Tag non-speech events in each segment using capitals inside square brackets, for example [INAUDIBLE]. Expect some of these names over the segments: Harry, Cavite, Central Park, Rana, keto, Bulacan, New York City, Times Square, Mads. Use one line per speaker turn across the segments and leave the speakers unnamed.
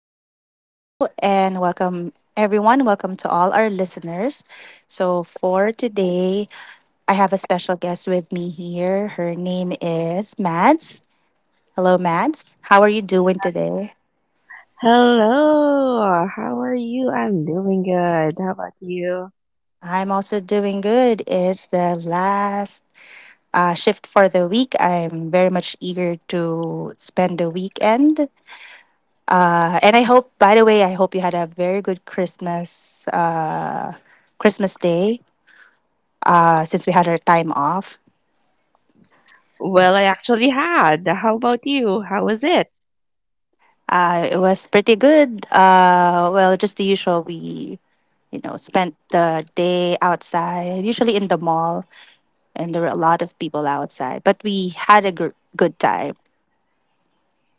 right. Hello and welcome, everyone. Welcome to all our listeners. So, for today, I have a special guest with me here. Her name is Mads. Hello, Mads. How are you doing today?
Hello, how are you? I'm doing good. How about you?
I'm also doing good. It's the last shift for the week. I'm very much eager to spend the weekend. And I hope, by the way, I hope you had a very good Christmas, Christmas day, since we had our time off.
Well, I actually had. How about you? How was it?
It was pretty good. Well, just the usual. We, spent the day outside, usually in the mall, and there were a lot of people outside, but we had a good time.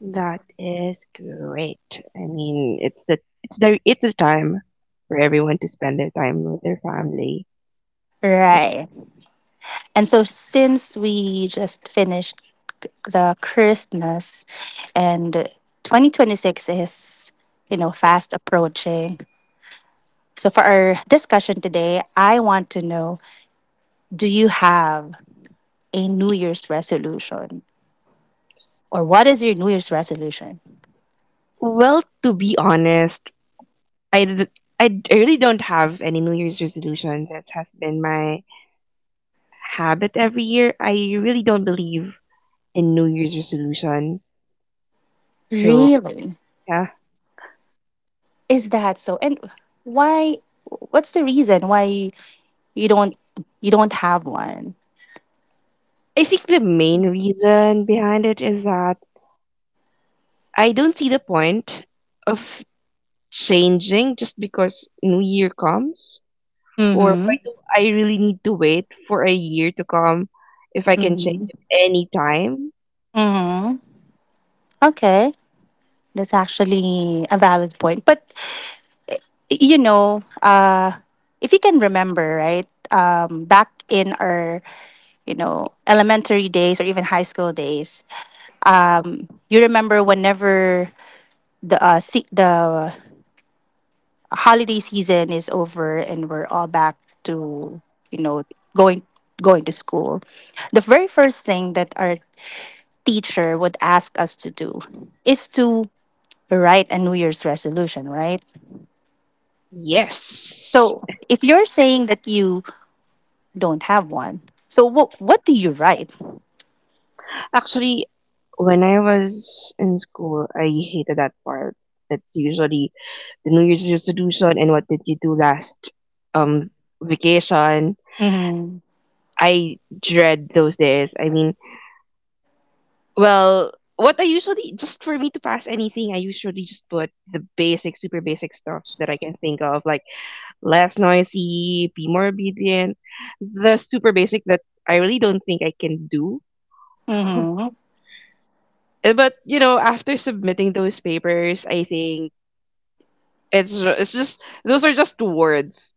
That is great. I mean, it's the time for everyone to spend their time with their family.
Right. And so since we just finished the Christmas and 2026 is, fast approaching. So for our discussion today, I want to know, do you have a New Year's resolution? Or what is your New Year's resolution?
Well, to be honest, I d- I really don't have any New Year's resolution. That has been my habit every year. I really don't believe in New Year's resolution. So,
Really?
yeah.
Is that so? And why, what's the reason why you don't you don't have one?
I think the main reason behind it is that I don't see the point of changing just because New Year comes, or why
Mm-hmm.
do I really need to wait for a year to come if I can change
Mm-hmm.
it any time?
Mm-hmm. Okay. That's actually a valid point. But you know, uh, if you can remember, right? Um, back in our, elementary days or even high school days, you remember whenever the the holiday season is over and we're all back to, you know, going going to school, the very first thing that our teacher would ask us to do is to write a new year's resolution, right?
Yes.
So if you're saying that you don't have one, so what do you write?
Actually, when I was in school, I hated that part. That's usually the New Year's resolution and what did you do last um vacation.
Mm-hmm.
I dread those days. I mean, well, what I usually, just for me to pass anything, I usually just put the basic, super basic stuff that I can think of, like less noisy, be more obedient, the super basic that I really don't think I can do. [LAUGHS]
Mm-hmm.
Eh, but after submitting those papers, I think it's just those are just words.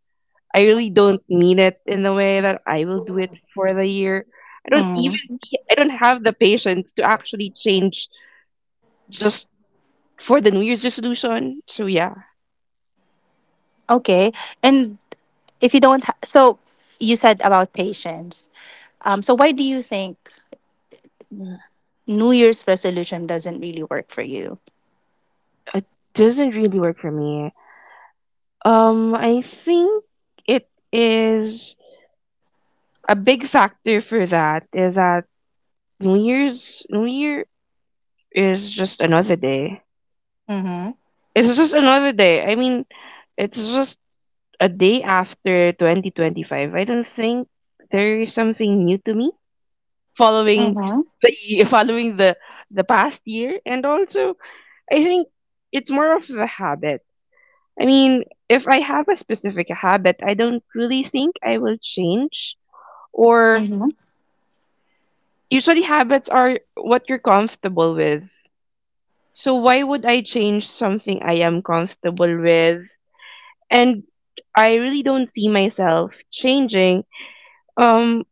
I really don't mean it in the way that I will do it for the year. I don't even
Mm-hmm.
see, I don't have the patience to actually change just for the New Year's resolution. So yeah,
Okay. And if you don't ha- so you said about patience, um, so why do you think new year's resolution doesn't really work for you?
it doesn't really work for me. I think it is a big factor for that is that New Year is just another day.
Mhm.
It's just another day. I mean, it's just a day after 2025. I don't think there is something new to me following
Mhm.
the [LAUGHS] following the past year, and also I think it's more of the habit. I mean, if I have a specific habit, I don't really think I will change. Or
Mhm.
usually habits are what you're comfortable with. So why would I change something I am comfortable with? And I really don't see myself changing um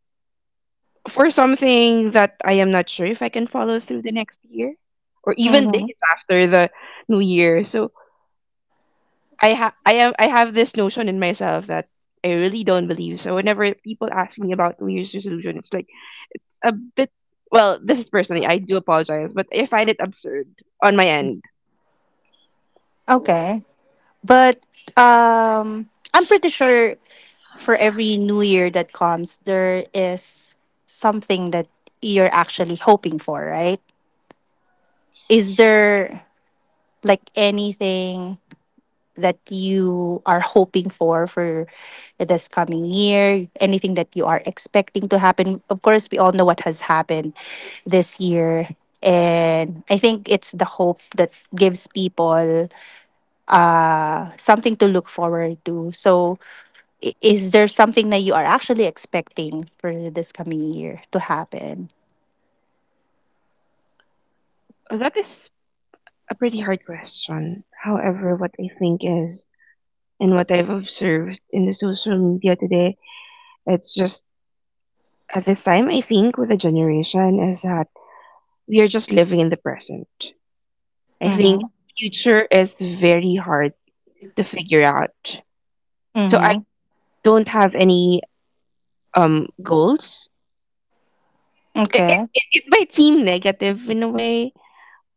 for something that I am not sure if I can follow through the next year or even days
Mhm.
after the new year. So I have this notion in myself that I really don't believe. So whenever people ask me about New Year's resolution, it's like it's a bit, well, this is personally, I do apologize, but I find it absurd on my end.
Okay. But, um, I'm pretty sure for every new year that comes there is something that you're actually hoping for, right? Is there like anything that you are hoping for this coming year? Anything that you are expecting to happen? Of course, we all know what has happened this year, and I think it's the hope that gives people uh, something to look forward to. So, is there something that you are actually expecting for this coming year to happen?
That is a pretty hard question. However, what I think is, and what I've observed in the social media today, it's just at this time, I think with the generation is that we are just living in the present. I think
Mm-hmm.
future is very hard to figure out. So I
Mm-hmm.
don't have any goals.
Okay.
It might seem negative in a way,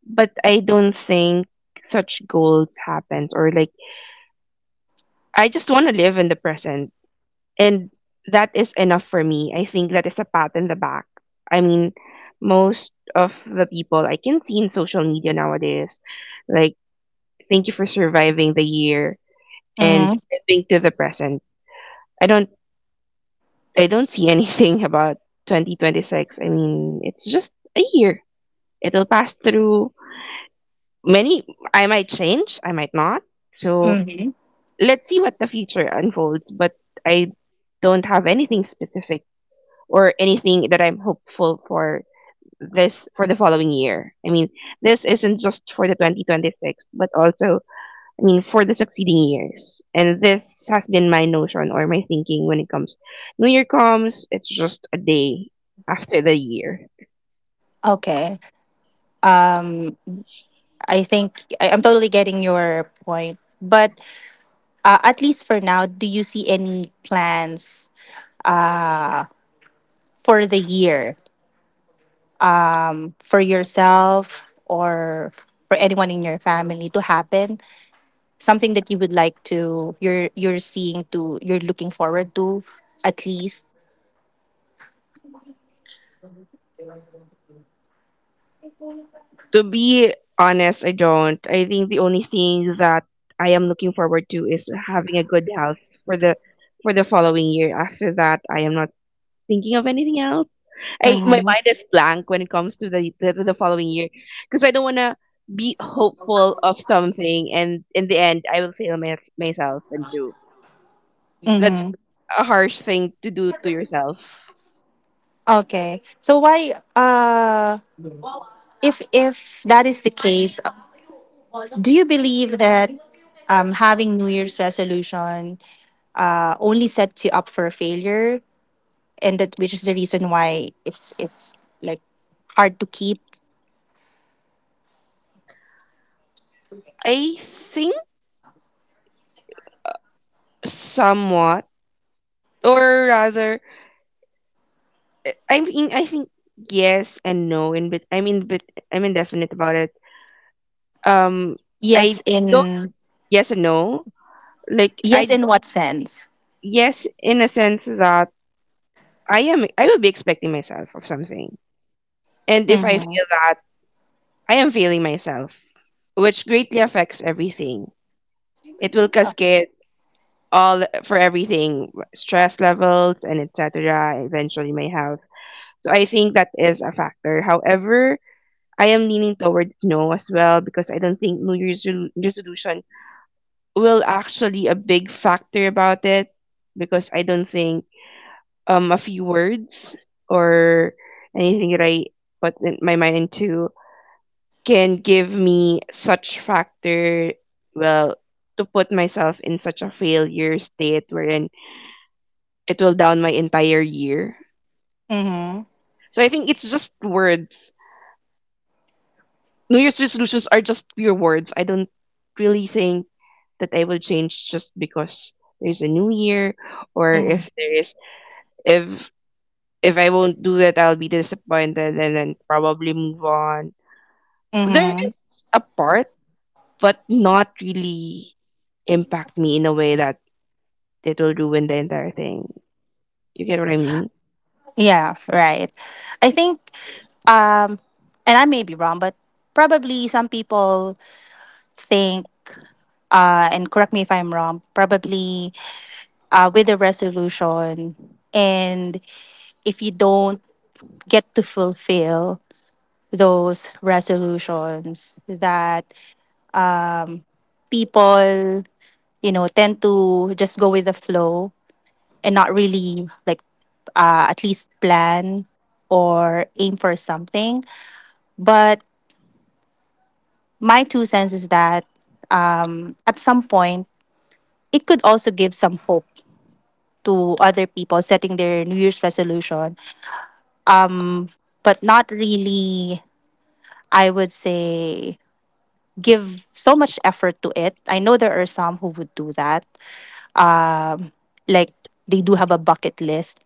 but I don't think such goals happens, or like I just want to live in the present, and that is enough for me. I think that is a pat in the back. I mean, most of the people I can see in social media nowadays, like, thank you for surviving the year and
Mm-hmm.
living to the present. I don't I don't see anything [LAUGHS] about 2026. I mean, it's just a year. It'll pass through many. I might change, I might not. So
Mm-hmm.
let's see what the future unfolds. But I don't have anything specific or anything that I'm hopeful for this, for the following year. I mean, this isn't just for the 2026, but also, I mean, for the succeeding years. And this has been my notion or my thinking when it comes. New Year comes, it's just a day after the year.
Okay. I think I'm totally getting your point. But at least for now, do you see any plans for the year for yourself or for anyone in your family to happen? Something that you would like to, you're seeing to, you're looking forward to, at least?
To be honest, I don't. I think the only thing that I am looking forward to is having a good health for the for the following year. After that, I am not thinking of anything else. I, my
Mm-hmm.
mind is blank when it comes to the following year because I don't want to be hopeful of something and in the end I will fail my, myself and do. That's
Mm-hmm.
a harsh thing to do to yourself.
Okay, so why, uh, if that is the case, do you believe that, having new year's resolution, only sets you up for failure and that which is the reason why it's like hard to keep?
I think somewhat, or rather, I mean, I think yes and no. In bet, I mean, but I'm indefinite about it. Um, I
Yes
don't,
in,
yes and no. Like I
yes
d-
in what sense?
yes in a sense that I will be expecting myself of something, and if I
Mm-hmm.
feel that I am failing myself, which greatly affects everything. It will cascade all for everything, stress levels and etc, eventually my health. So I think that is a factor. However, I am leaning towards no as well, because I don't think resolution will actually a big factor about it, because I don't think a few words or anything that I put in my mind into can give me such factor. Well, to put myself in such a failure state wherein it will down my entire year.
Mm-hmm.
So I think it's just words. New Year's resolutions are just pure words. I don't really think that I will change just because there's a new year. Or
Mm-hmm.
if there is, if if I won't do it, I'll be disappointed and then probably move on. There
Mm-hmm.
is a part, but not really impact me in a way that it will ruin the entire thing. You get what I mean?
Yeah, right. I think, um, and I may be wrong, but probably some people think, and correct me if I'm wrong, probably, with a resolution, and if you don't get to fulfill those resolutions, that people, you know, tend to just go with the flow and not really like, at least plan or aim for something. But my two cents is that, at some point, it could also give some hope to other people setting their New Year's resolution, um, but not really, I would say, give so much effort to it. I know there are some who would do that. Like, they do have a bucket list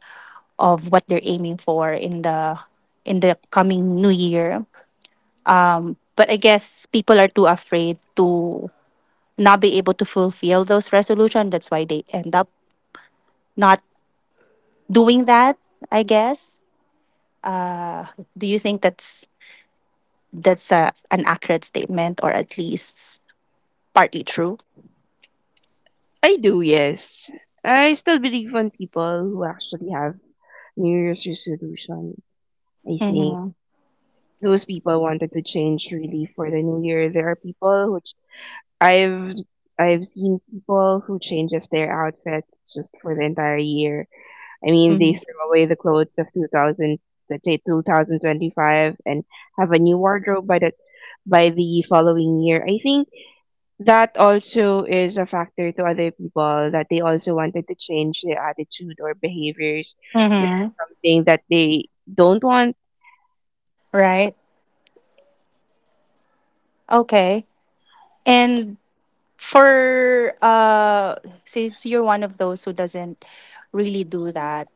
of what they're aiming for in the coming new year. But I guess people are too afraid to not be able to fulfill those resolutions. That's why they end up not doing that, I guess. Do you think that's a, an accurate statement or at least partly true?
I do, yes. I still believe on people who actually have New Year's resolution. I think
Mm-hmm.
those people wanted to change really for the new year. There are people which I've I've seen people who changes their outfits just for the entire year. I mean, they
Hmm.
throw away the clothes of 2000, let's say 2025, and have a new wardrobe by the following year. I think that also is a factor to other people that they also wanted to change their attitude or behaviors to something that they don't want.
Right. Okay. And for, uh, since you're one of those who doesn't really do that,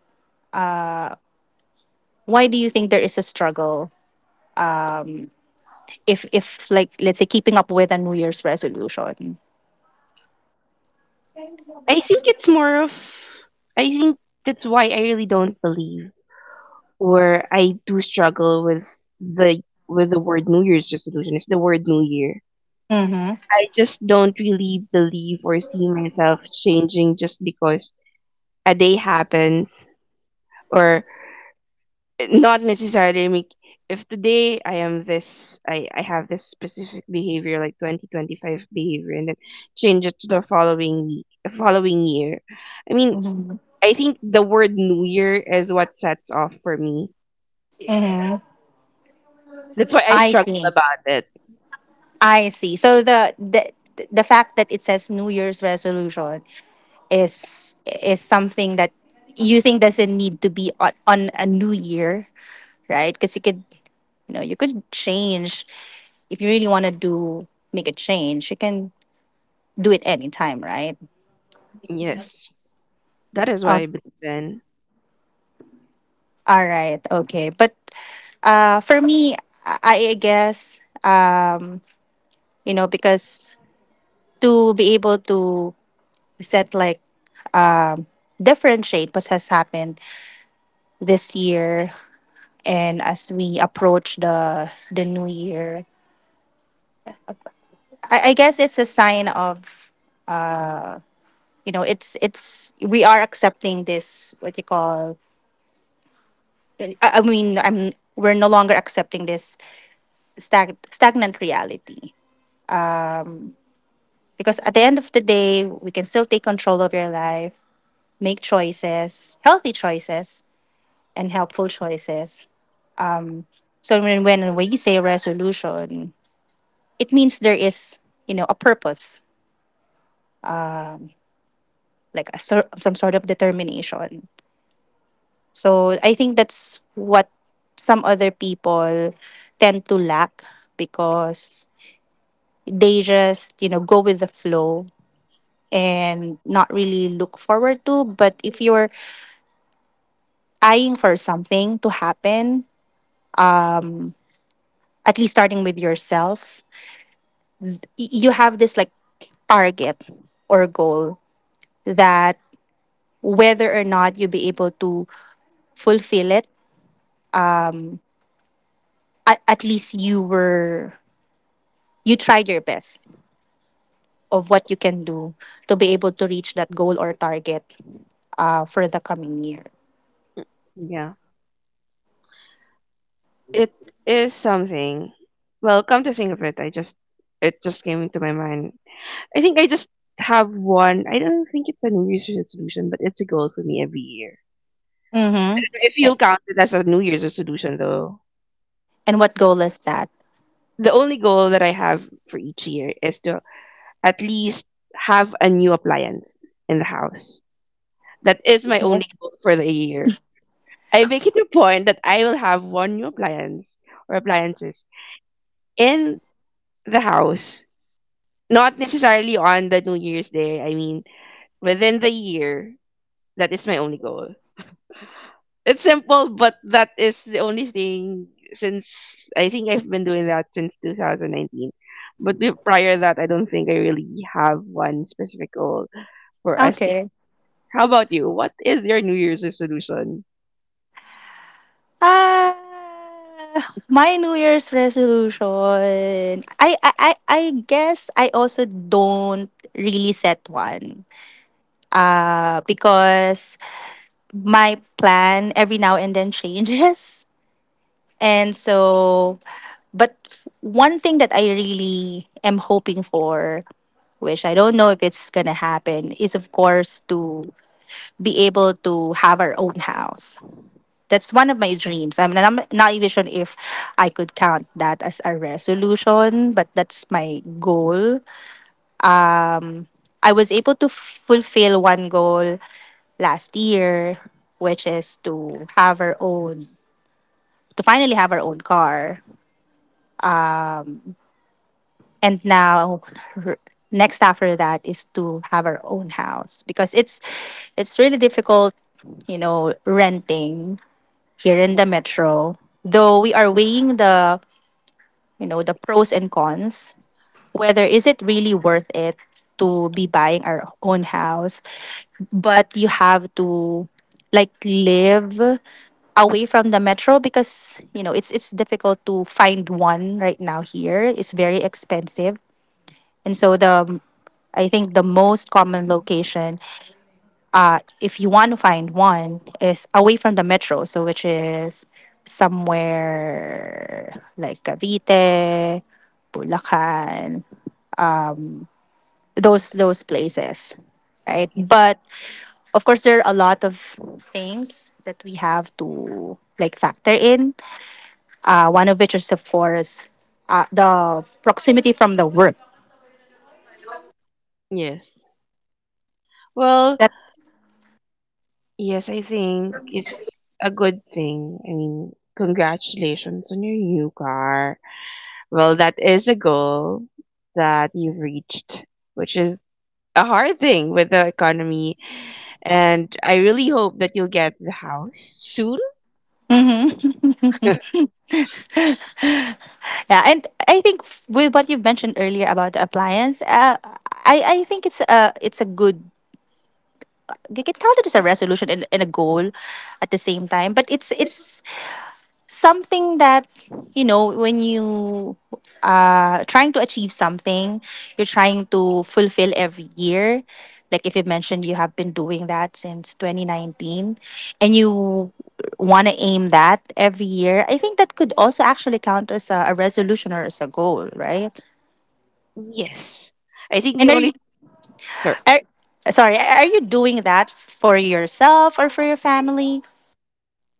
why do you think there is a struggle if like, let's say, keeping up with a New Year's resolution?
I think it's more of, I think that's why I really don't believe, or I do struggle the with the word New Year's resolution. It's the word New Year.
Mm-hmm.
I just don't really believe or see myself changing just because a day happens, or not necessarily make, if today I am this, I have this specific behavior like 2025 behavior and then change it to the following week, following year. I mean, I think the word New Year is what sets off for me.
Mm-hmm.
That's why I
I
struggle
see.
about it.
I see. So the the fact that it says New Year's resolution is is something that you think doesn't need to be on a new year, right? Because you could, you know, you could change if you really want to do, make a change. You can do it anytime, right?
Yes, that is what
Oh,
I believe in.
all right, okay. But, for me, I guess, you know, because to be able to set like, um, differentiate what has happened this year and as we approach the new year, I guess it's a sign of uh, you know, it's we are accepting this, what you call, I mean, I'm we're no longer accepting this stagnant reality, um, because at the end of the day we can still take control of your life, make choices, healthy choices, and helpful choices, um. So when you say resolution, it means there is, you know, a purpose, like a, some sort of determination. So I think that's what some other people tend to lack, because they just, you know, go with the flow and not really look forward to. But if you're eyeing for something to happen, um, at least starting with yourself, you have this like target or goal, that whether or not you'll be able to fulfill it, at least you were, you tried your best of what you can do to be able to reach that goal or target, for the coming year.
Yeah, it is something. Well, come to think of it, I just it just came into my mind. I think I just have one. I don't think it's a New Year's resolution, but it's a goal for me every year.
Mm-hmm.
If you'll count it as a New Year's resolution, though,
And what goal is that?
the only goal that I have for each year is to at least have a new appliance in the house. That is my
Okay.
only goal for the year. I make it a point that I will have one new appliance or appliances in the house. Not necessarily on the New Year's Day. I mean, within the year, that is my only goal. It's simple, but that is the only thing since I think I've been doing that since 2019. But prior that, I don't think I really have one specific goal for us.
Okay.
How about you? What is your New Year's resolution?
Uh, my New Year's resolution. I guess I also don't really set one. Because my plan every now and then [LAUGHS] changes, and so. But one thing that I really am hoping for, which I don't know if it's going to happen, is of course to be able to have our own house. That's one of my dreams. I mean, I'm not even sure if I could count that as a resolution, but that's my goal. I was able to fulfill one goal last year, which is to have our own, to finally have our own car. And now, r- next after that is to have our own house, because it's really difficult, you know, renting here in the metro, though we are weighing the, you know, the pros and cons, whether is it really worth it to be buying our own house. But you have to like live away from the metro, because, you know, it's difficult to find one right now here, it's very expensive. And so the, I think the most common location, if you want to find one, is away from the metro. So, which is somewhere like Cavite, Bulacan, those places, right?
Yeah.
But of course, there are a lot of things that we have to like factor in. One of which is of course, the proximity from the work.
Yes. Well, yes, I think it's a good thing. I mean, congratulations on your new car. Well, that is a goal that you've reached, which is a hard thing with the economy. And I really hope that you'll get the house soon. [LAUGHS]
Mhm. [LAUGHS] Yeah, and I think, with what you mentioned earlier about the appliance, I think it's a, it's a good. It can count it as a resolution and a goal at the same time, but it's something that, you know, when you are trying to achieve something, you're trying to fulfill every year, like if you mentioned you have been doing that since 2019, and you want to aim that every year, I think that could also actually count as a resolution or as a goal, right?
Yes. I think the
And are you,
only, sir,
are, sorry, are you doing that for yourself or for your family?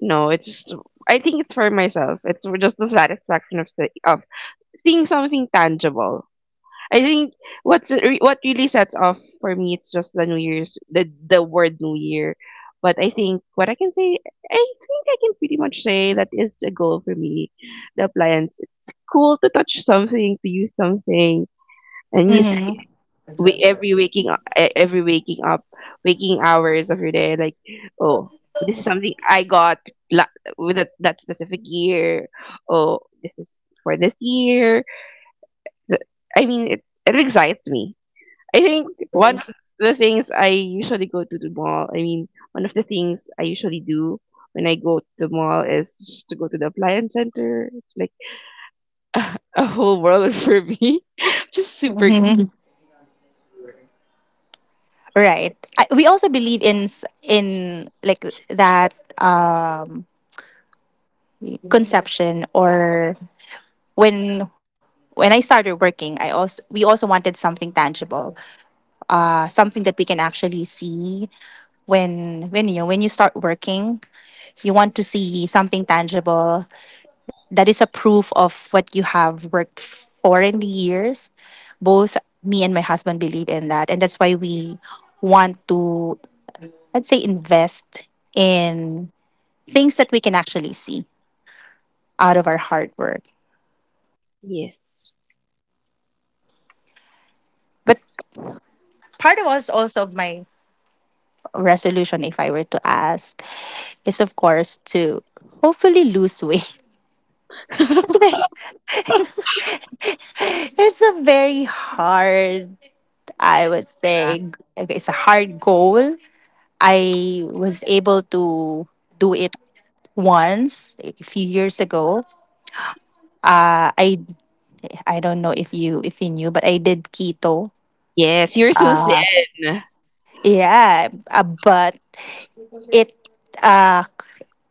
no, it's just, I think it's for myself. It's for just the satisfaction of of seeing something tangible. I think what's what really sets off for me, it's just the New Year's, the word New Year. But I think what I can say, I think I can pretty much say that is the goal for me. The appliance, it's cool to touch something, to use something, and use
Mm-hmm.
every waking every waking up, waking hours of your day. Like, oh, this is something I got with that, that specific year. Oh, this is for this year. The- I mean, it excites me. I think one of the things I usually go to the mall, I mean, one of the things I usually do when I go to the mall is just to go to the appliance center. It's like [LAUGHS] a whole world for me. [LAUGHS] Just super.
Right. We also believe in in like that, um, conception or when I started working, I also we also wanted something tangible, something that we can actually see when, you know, when you start working, you want to see something tangible, that is a proof of what you have worked for in the years. Both me and my husband believe in that, and that's why we want to, I'd say, invest in things that we can actually see out of our hard work.
Yes.
But part of us also of my resolution, if I were to ask, is of course to hopefully lose weight. [LAUGHS]
[LAUGHS]
It's very, it's a very hard, I would say, okay, it's a hard goal. I was able to do it once a few years ago. Uh, I I don't know if you knew, but I did keto.
Yes, you're so thin.
Yeah, but it, uh,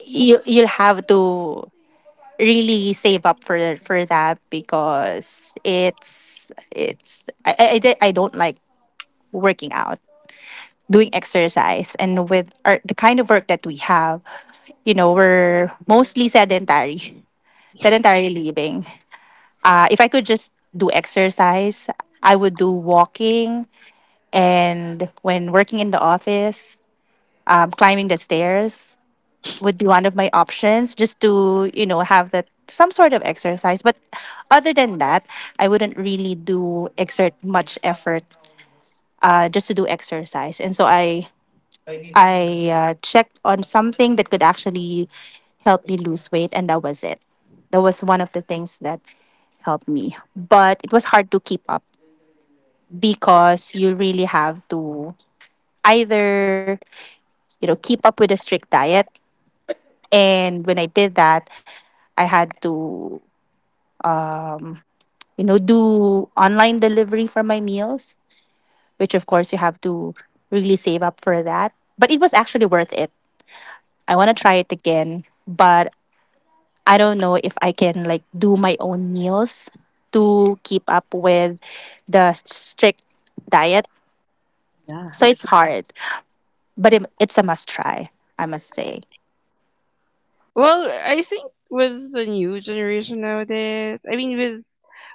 you you'll have to really save up for that, because it's I don't like working out, doing exercise, and with our, the kind of work that we have, you know, we're mostly sedentary, [LAUGHS] sedentary living. If I could just do exercise, I would do walking, and when working in the office, climbing the stairs would be one of my options just to, you know, have that some sort of exercise. But other than that, I wouldn't really do exert much effort just to do exercise. And so I checked on something that could actually help me lose weight, and that was it. That was one of the things that helped me. But it was hard to keep up because you really have to either, you know, keep up with a strict diet. And when I did that, I had to you know, do online delivery for my meals, which of course you have to really save up for that. But it was actually worth it. I want to try it again, but I don't know if I can like do my own meals to keep up with the strict diet.
Yeah.
So it's hard, but it's a must try. I must say
Well, I think with the new generation nowadays, I mean, with,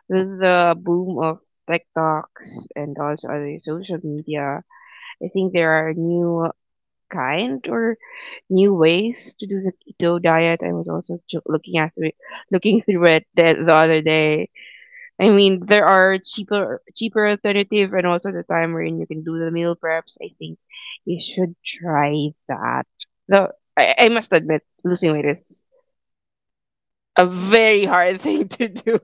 with the boom of TikToks and also other social media, I think there are new kind or new ways to do the keto diet. I was also looking at it, looking through it the other day. I mean, there are cheaper alternative, and also the time wherein you can do the meal preps. I think you should try that. Though I must admit, losing weight is a very hard [LAUGHS] thing to do.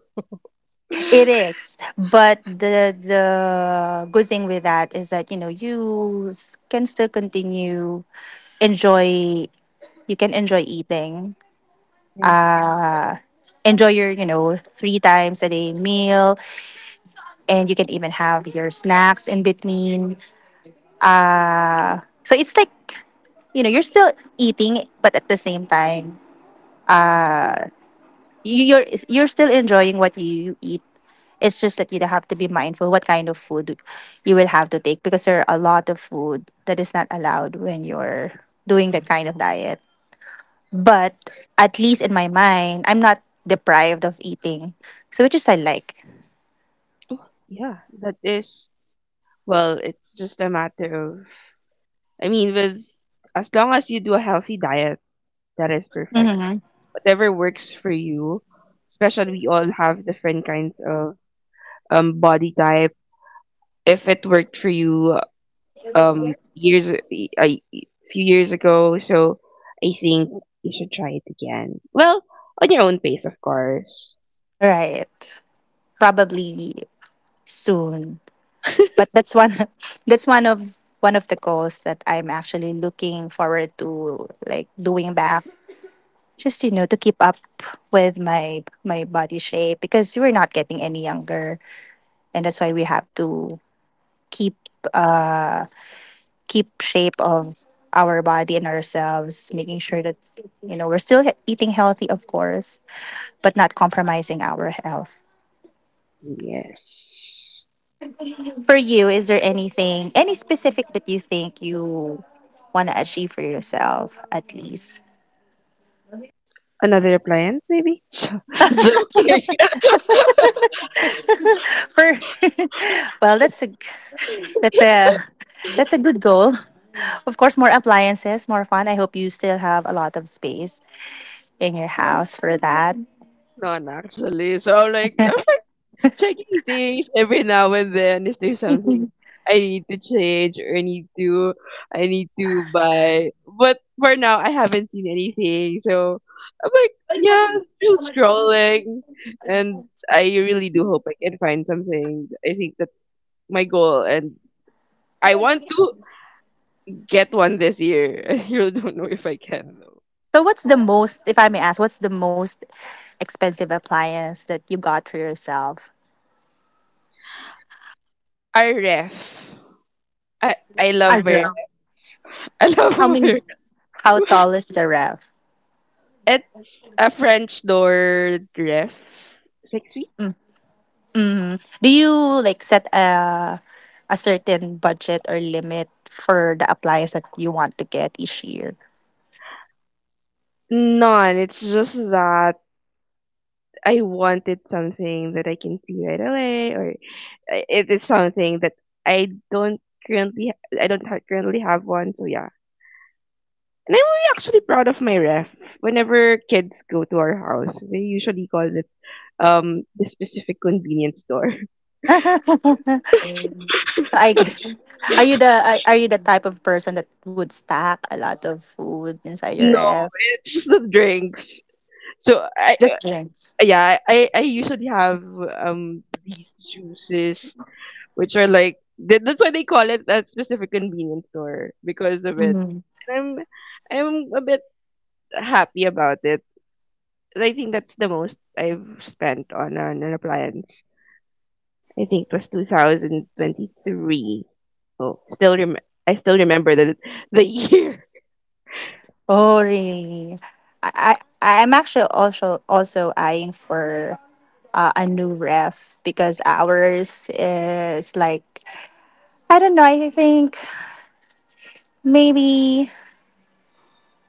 it is, but the good thing with that is that you know you can still continue enjoy you can enjoy eating.
Yeah,
Uh, Enjoy your, you know, three times a day meal, and you can even have your snacks in between. So it's like, you know, you're still eating, but at the same time, uh, you're still enjoying what you eat. It's just that you have to be mindful what kind of food you will have to take because there are a lot of food that is not allowed when you're doing that kind of diet. But at least in my mind, I'm not deprived of eating. So which is I like.
yeah, that is. Well, it's just a matter of. I mean, with as long as you do a healthy diet, that is perfect
Hmm.
whatever works for you. Especially we all have different kinds of body type. If it worked for you years a few years ago, so I think you should try it again. Well, on your own pace, of course.
Right. Probably soon. But that's one [LAUGHS] that's one of the goals that I'm actually looking forward to like doing back. Just you know, to keep up with my my body shape because we're not getting any younger and that's why we have to keep uh keep shape of our body and ourselves, making sure that you know we're still eating healthy, of course, but not compromising our health.
Yes.
For you, is there anything, any specific that you think you want to achieve for yourself, at least?
Another appliance, maybe? [LAUGHS] Joking.
For [LAUGHS] well, that's a that's a good goal. Of course, more appliances, more fun. I hope you still have a lot of space in your house for that.
[LAUGHS] None, actually. So I'm like, checking things every now and then. If there's something I need to change, or I need to buy? But for now, I haven't seen anything. So I'm like, yeah, still scrolling, and I really do hope I can find something. I think that's my goal, and I want to get one this year. [LAUGHS] I really don't know if I can though.
So what's the most, if I may ask, what's the most expensive appliance that you got for yourself?
Our ref. I
A
love her.
ref.
[LAUGHS] I love
How many?
her.
How tall is the ref?
It's a French door ref. Six.
Mm-hmm. Do you like set a certain budget or limit for the appliance that you want to get each year?
None. It's just that I wanted something that I can see right away, or it is something that I don't currently I don't ha- currently have one. So yeah, and I'm really actually proud of my ref. Whenever kids go to our house, they usually call it the specific convenience store. [LAUGHS]
[LAUGHS] I, [LAUGHS] are you the are you the type of person that would stack a lot of food inside your
No,
ref?
it's the drinks. So I
Just drinks.
yeah, I usually have these juices which are like that's why they call it that specific convenience store because of it. And I'm a bit happy about it. And I think that's the most I've spent on an appliance. I think it was 2023. Oh, still rem- I still remember the [LAUGHS] year.
Oh, really? I I'm actually also eyeing for a new ref because ours is like I don't know. I think maybe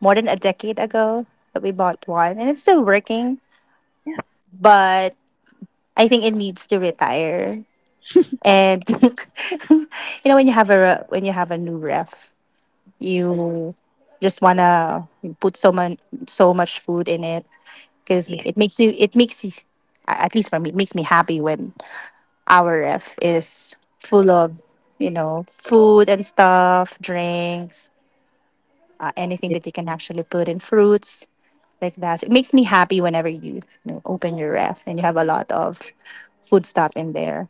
more than a decade ago that we bought one, and it's still working. But I think it needs to retire. And [LAUGHS] you know, when you have a when you have a new ref, you just wanna put so much food in it because
Yes,
it makes you at least for me it makes me happy when our ref is full of you know food and stuff drinks anything
yes,
that you can actually put in fruits like that so it makes me happy whenever you, you know, open your ref and you have a lot of food stuff in there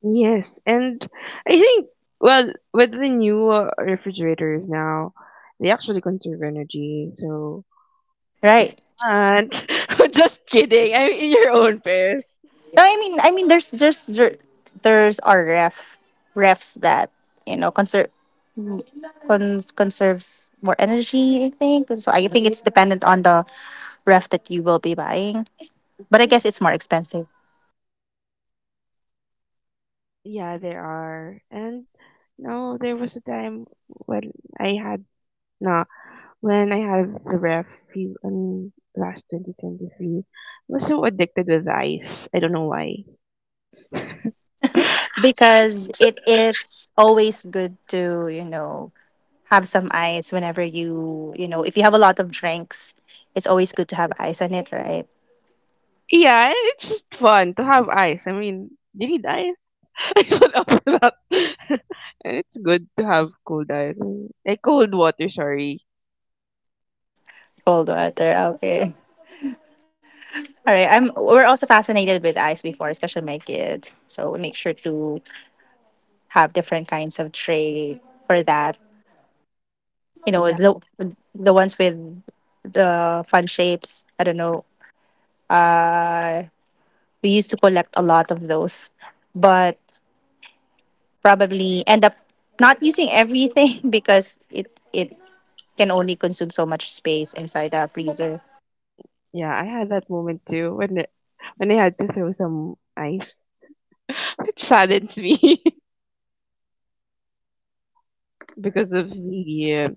yes. And I think, well, with the new refrigerators now, they actually conserve energy. So it's
right.
not. [LAUGHS] Just kidding. I'm in your own pairs.
No, I mean, there's our ref refs that you know conserve conserves more energy. I think so. I think it's dependent on the ref that you will be buying, but I
Yeah,
guess it's more expensive
yeah, there are. And no, there was a time when I had no, when I had the ref few I last 2023. I was so addicted with ice. I don't know why.
because it it's always good to you know have some ice whenever you you know if you have a lot of drinks, it's always good to have ice on it, right?
Yeah, it's just fun to have ice. I mean, do you need ice. [LAUGHS] I don't know for that. [LAUGHS] And it's good to have cold ice. I mean, eh, cold water, sorry.
Cold water, okay. All right. I'm we're also fascinated with eyes before, especially my kids. So we make sure to have different kinds of tray for that. You know, the ones with the fun shapes. I don't know. Uh we used to collect a lot of those, but probably end up not using everything [LAUGHS] because it can only consume so much space inside a freezer.
Yeah, I had that moment too when I had to throw some ice. [LAUGHS] It saddens me [LAUGHS] because of the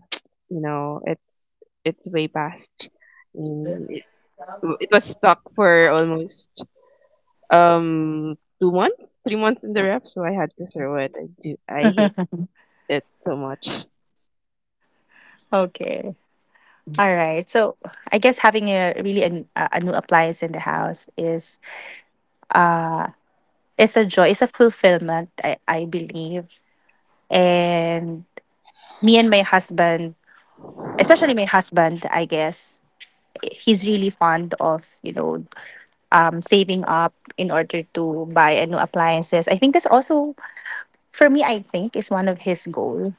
you know, it's way past. Mm, It, it was stuck for almost um 2 months, 3 months in the ref, so I had to throw it. I hate it so much.
Okay. All right. So I guess having a really a new appliance in the house uh, is a joy, is a fulfillment, I believe. And me and my husband, especially my husband, I guess, he's really fond of, you know, saving up in order to buy a new appliances. I think that's also, for me, I think is one of his goal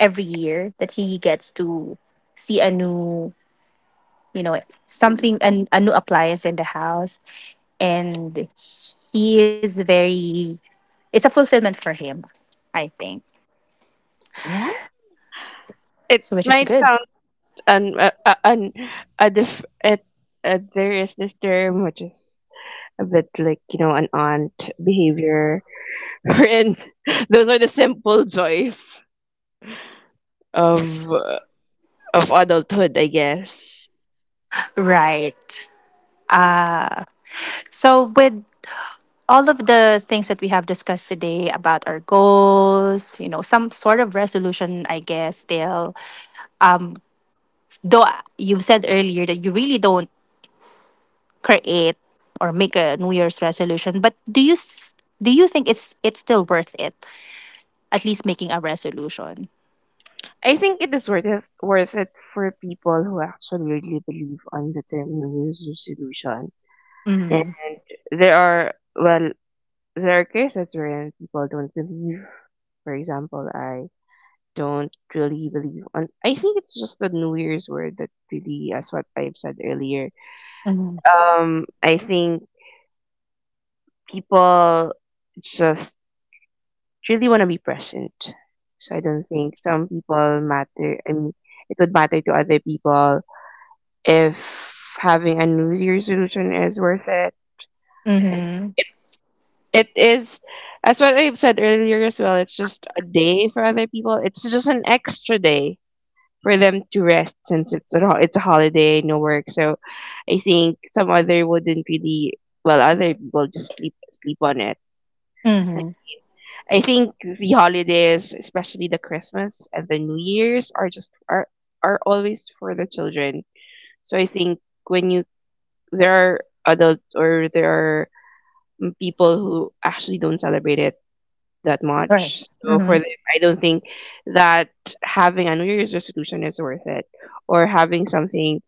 every year that he gets to see a new, you know, something, a new appliance in the house. And he is very, it's a fulfillment for him, I think.
Yeah, it
So which is
might
good,
sound un un a diff it there is this term which is with, like, you know, an aunt behavior [LAUGHS] and those are the simple joys of of adulthood, I guess.
right. Uh so with all of the things that we have discussed today about our goals, you know, some sort of resolution I guess still, um though you said earlier that you really don't create or make a new year's resolution, but do you do you think it's still worth it at least making a resolution?
I think it is worth it, for people who actually really believe on the term New Year's resolution. And
Mm-hmm.
there are, well, there are cases wherein people don't believe. For example, I don't really believe on I think it's just the New Year's word that really, as what I've said earlier.
Mm-hmm.
I think people just really want to be present. So I don't think some people matter. I mean, it would matter to other people if having a New Year's resolution is worth it.
Mm-hmm.
It is, as what I've said earlier as well, it's just a day for other people. It's just an extra day for them to rest since it's a, it's a holiday, no work. So I think some other wouldn't really, well, other people just sleep on it. I
Mm-hmm.
I think the holidays, especially the Christmas and the New Year's, are just are always for the children. So I think when you there are adults, or there are, people who actually don't celebrate it that
Right.
much. So for
Mm-hmm.
them, I don't think that having a New Year's resolution is worth it, or having something.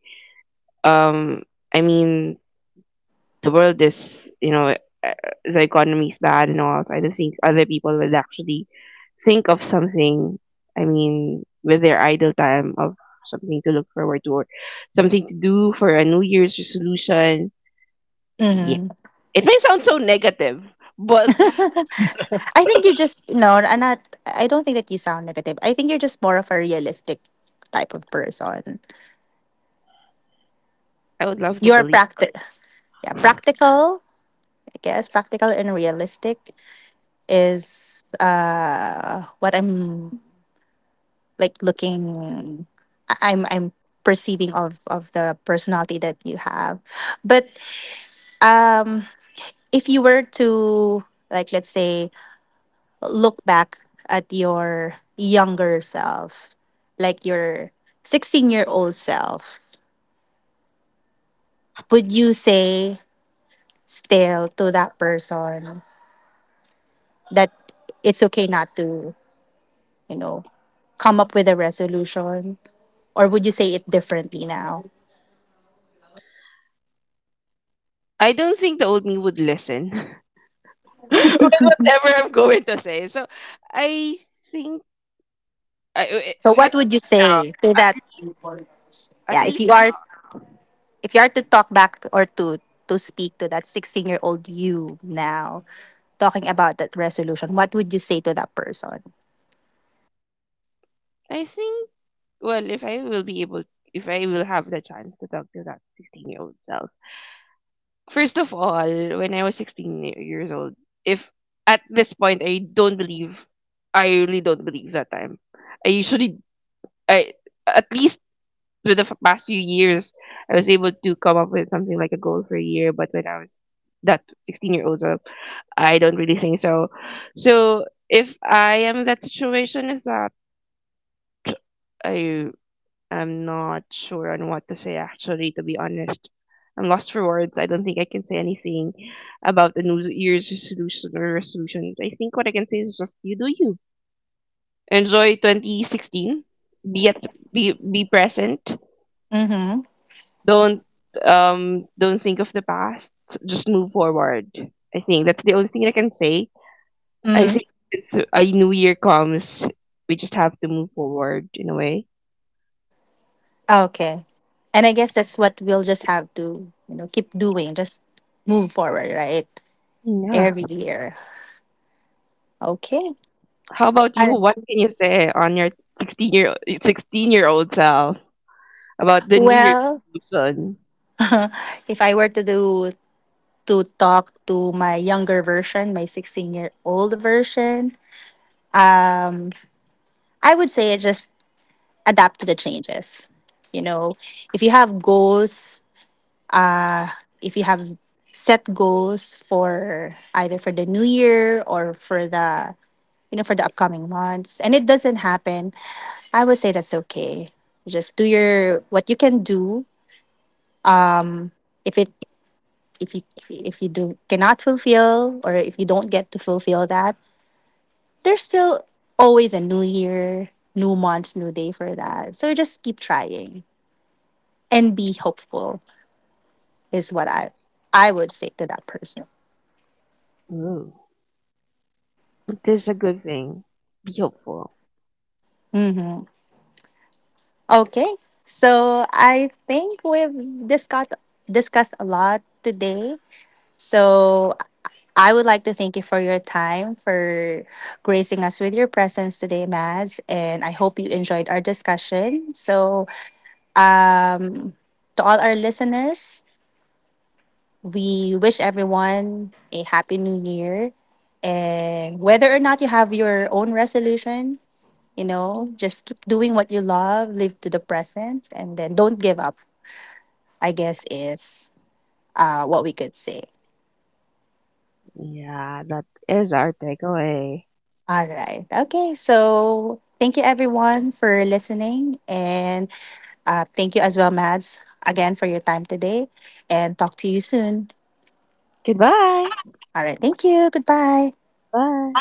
Um, I mean, the world is, you know, uh, the economy is bad and all. So I don't think other people will actually think of something, I mean, with their idle time, of something to look forward to or something to do for a New Year's resolution. Yeah.
Mm-hmm.
It may sound so negative,
[LAUGHS]
but
I think you just no, I'm not. I don't think that you sound negative. I think you're just more of a realistic type of person.
I would love to
You're
believe.
practical, yeah, practical. I guess practical and realistic is what I'm like looking. I'm perceiving of the personality that you have, but um, if you were to like let's say look back at your younger self, like your 16-year-old self, would you say still to that person that it's okay not to, you know, come up with a resolution? Or would you say it differently now?
I don't think the old me would listen [LAUGHS] with whatever I'm going to say. So I think, I,
So what
at
would you
now,
say to
at
that?
least, at
Yeah,
least
if you are to talk back or to speak to that 16-year-old you now talking about that resolution, what would you say to that person?
I think, well, if I will be able, if I will have the chance to talk to that 16-year-old self. First of all, when I was 16 years old, if at this point I don't believe, I really don't believe that time. I usually, I at least with the past few years, I was able to come up with something like a goal for a year. But when I was that 16-year-old, I don't really think so. So if I am in that situation, is that I I'm not sure on what to say, actually, to be honest. I'm lost for words. I don't think I can say anything about the New Year's resolution or resolution. I think what I can say is just you do you. Enjoy 2016. Be at be present.
Mm-hmm.
Don't don't think of the past. Just move forward. I think that's the only thing I can say. I
Mm-hmm.
think it's a new year comes. We just have to move forward in a way.
Okay. And I guess that's what we'll just have to, you know, keep doing. Just move forward, right?
Yeah.
Every year. Okay.
How about you?
Uh,
What can you say on your 16 year 16-year-old self about the New Year's
well,
resolution?
[LAUGHS] if I were to do to talk to my younger version, my 16-year-old version, um, I would say just adapt to the changes. You know, if you have goals, uh, if you have set goals for either for the new year or for the you know, for the upcoming months, and it doesn't happen, I would say that's okay. Just do your what you can do. Um, if it if you if you do cannot fulfill or if you don't get to fulfill that, there's still always a new year, new month, new day for that. So just keep trying and be hopeful is what I would say to that person.
Ooh, this is a good thing. Be hopeful.
Mm-hmm. Okay, so I think we've discussed a lot today. So I would like to thank you for your time, for gracing us with your presence today, Mads. And I hope you enjoyed our discussion. So, um, to all our listeners, we wish everyone a happy new year. And whether or not you have your own resolution, you know, just keep doing what you love, live to the present, and then don't give up, I guess, is what we could say.
Yeah, that is our takeaway.
All right. Okay. So thank you everyone for listening. And thank you as well, Mads, again for your time today. And talk to you soon.
Goodbye.
All right. Thank you. Goodbye.
Bye.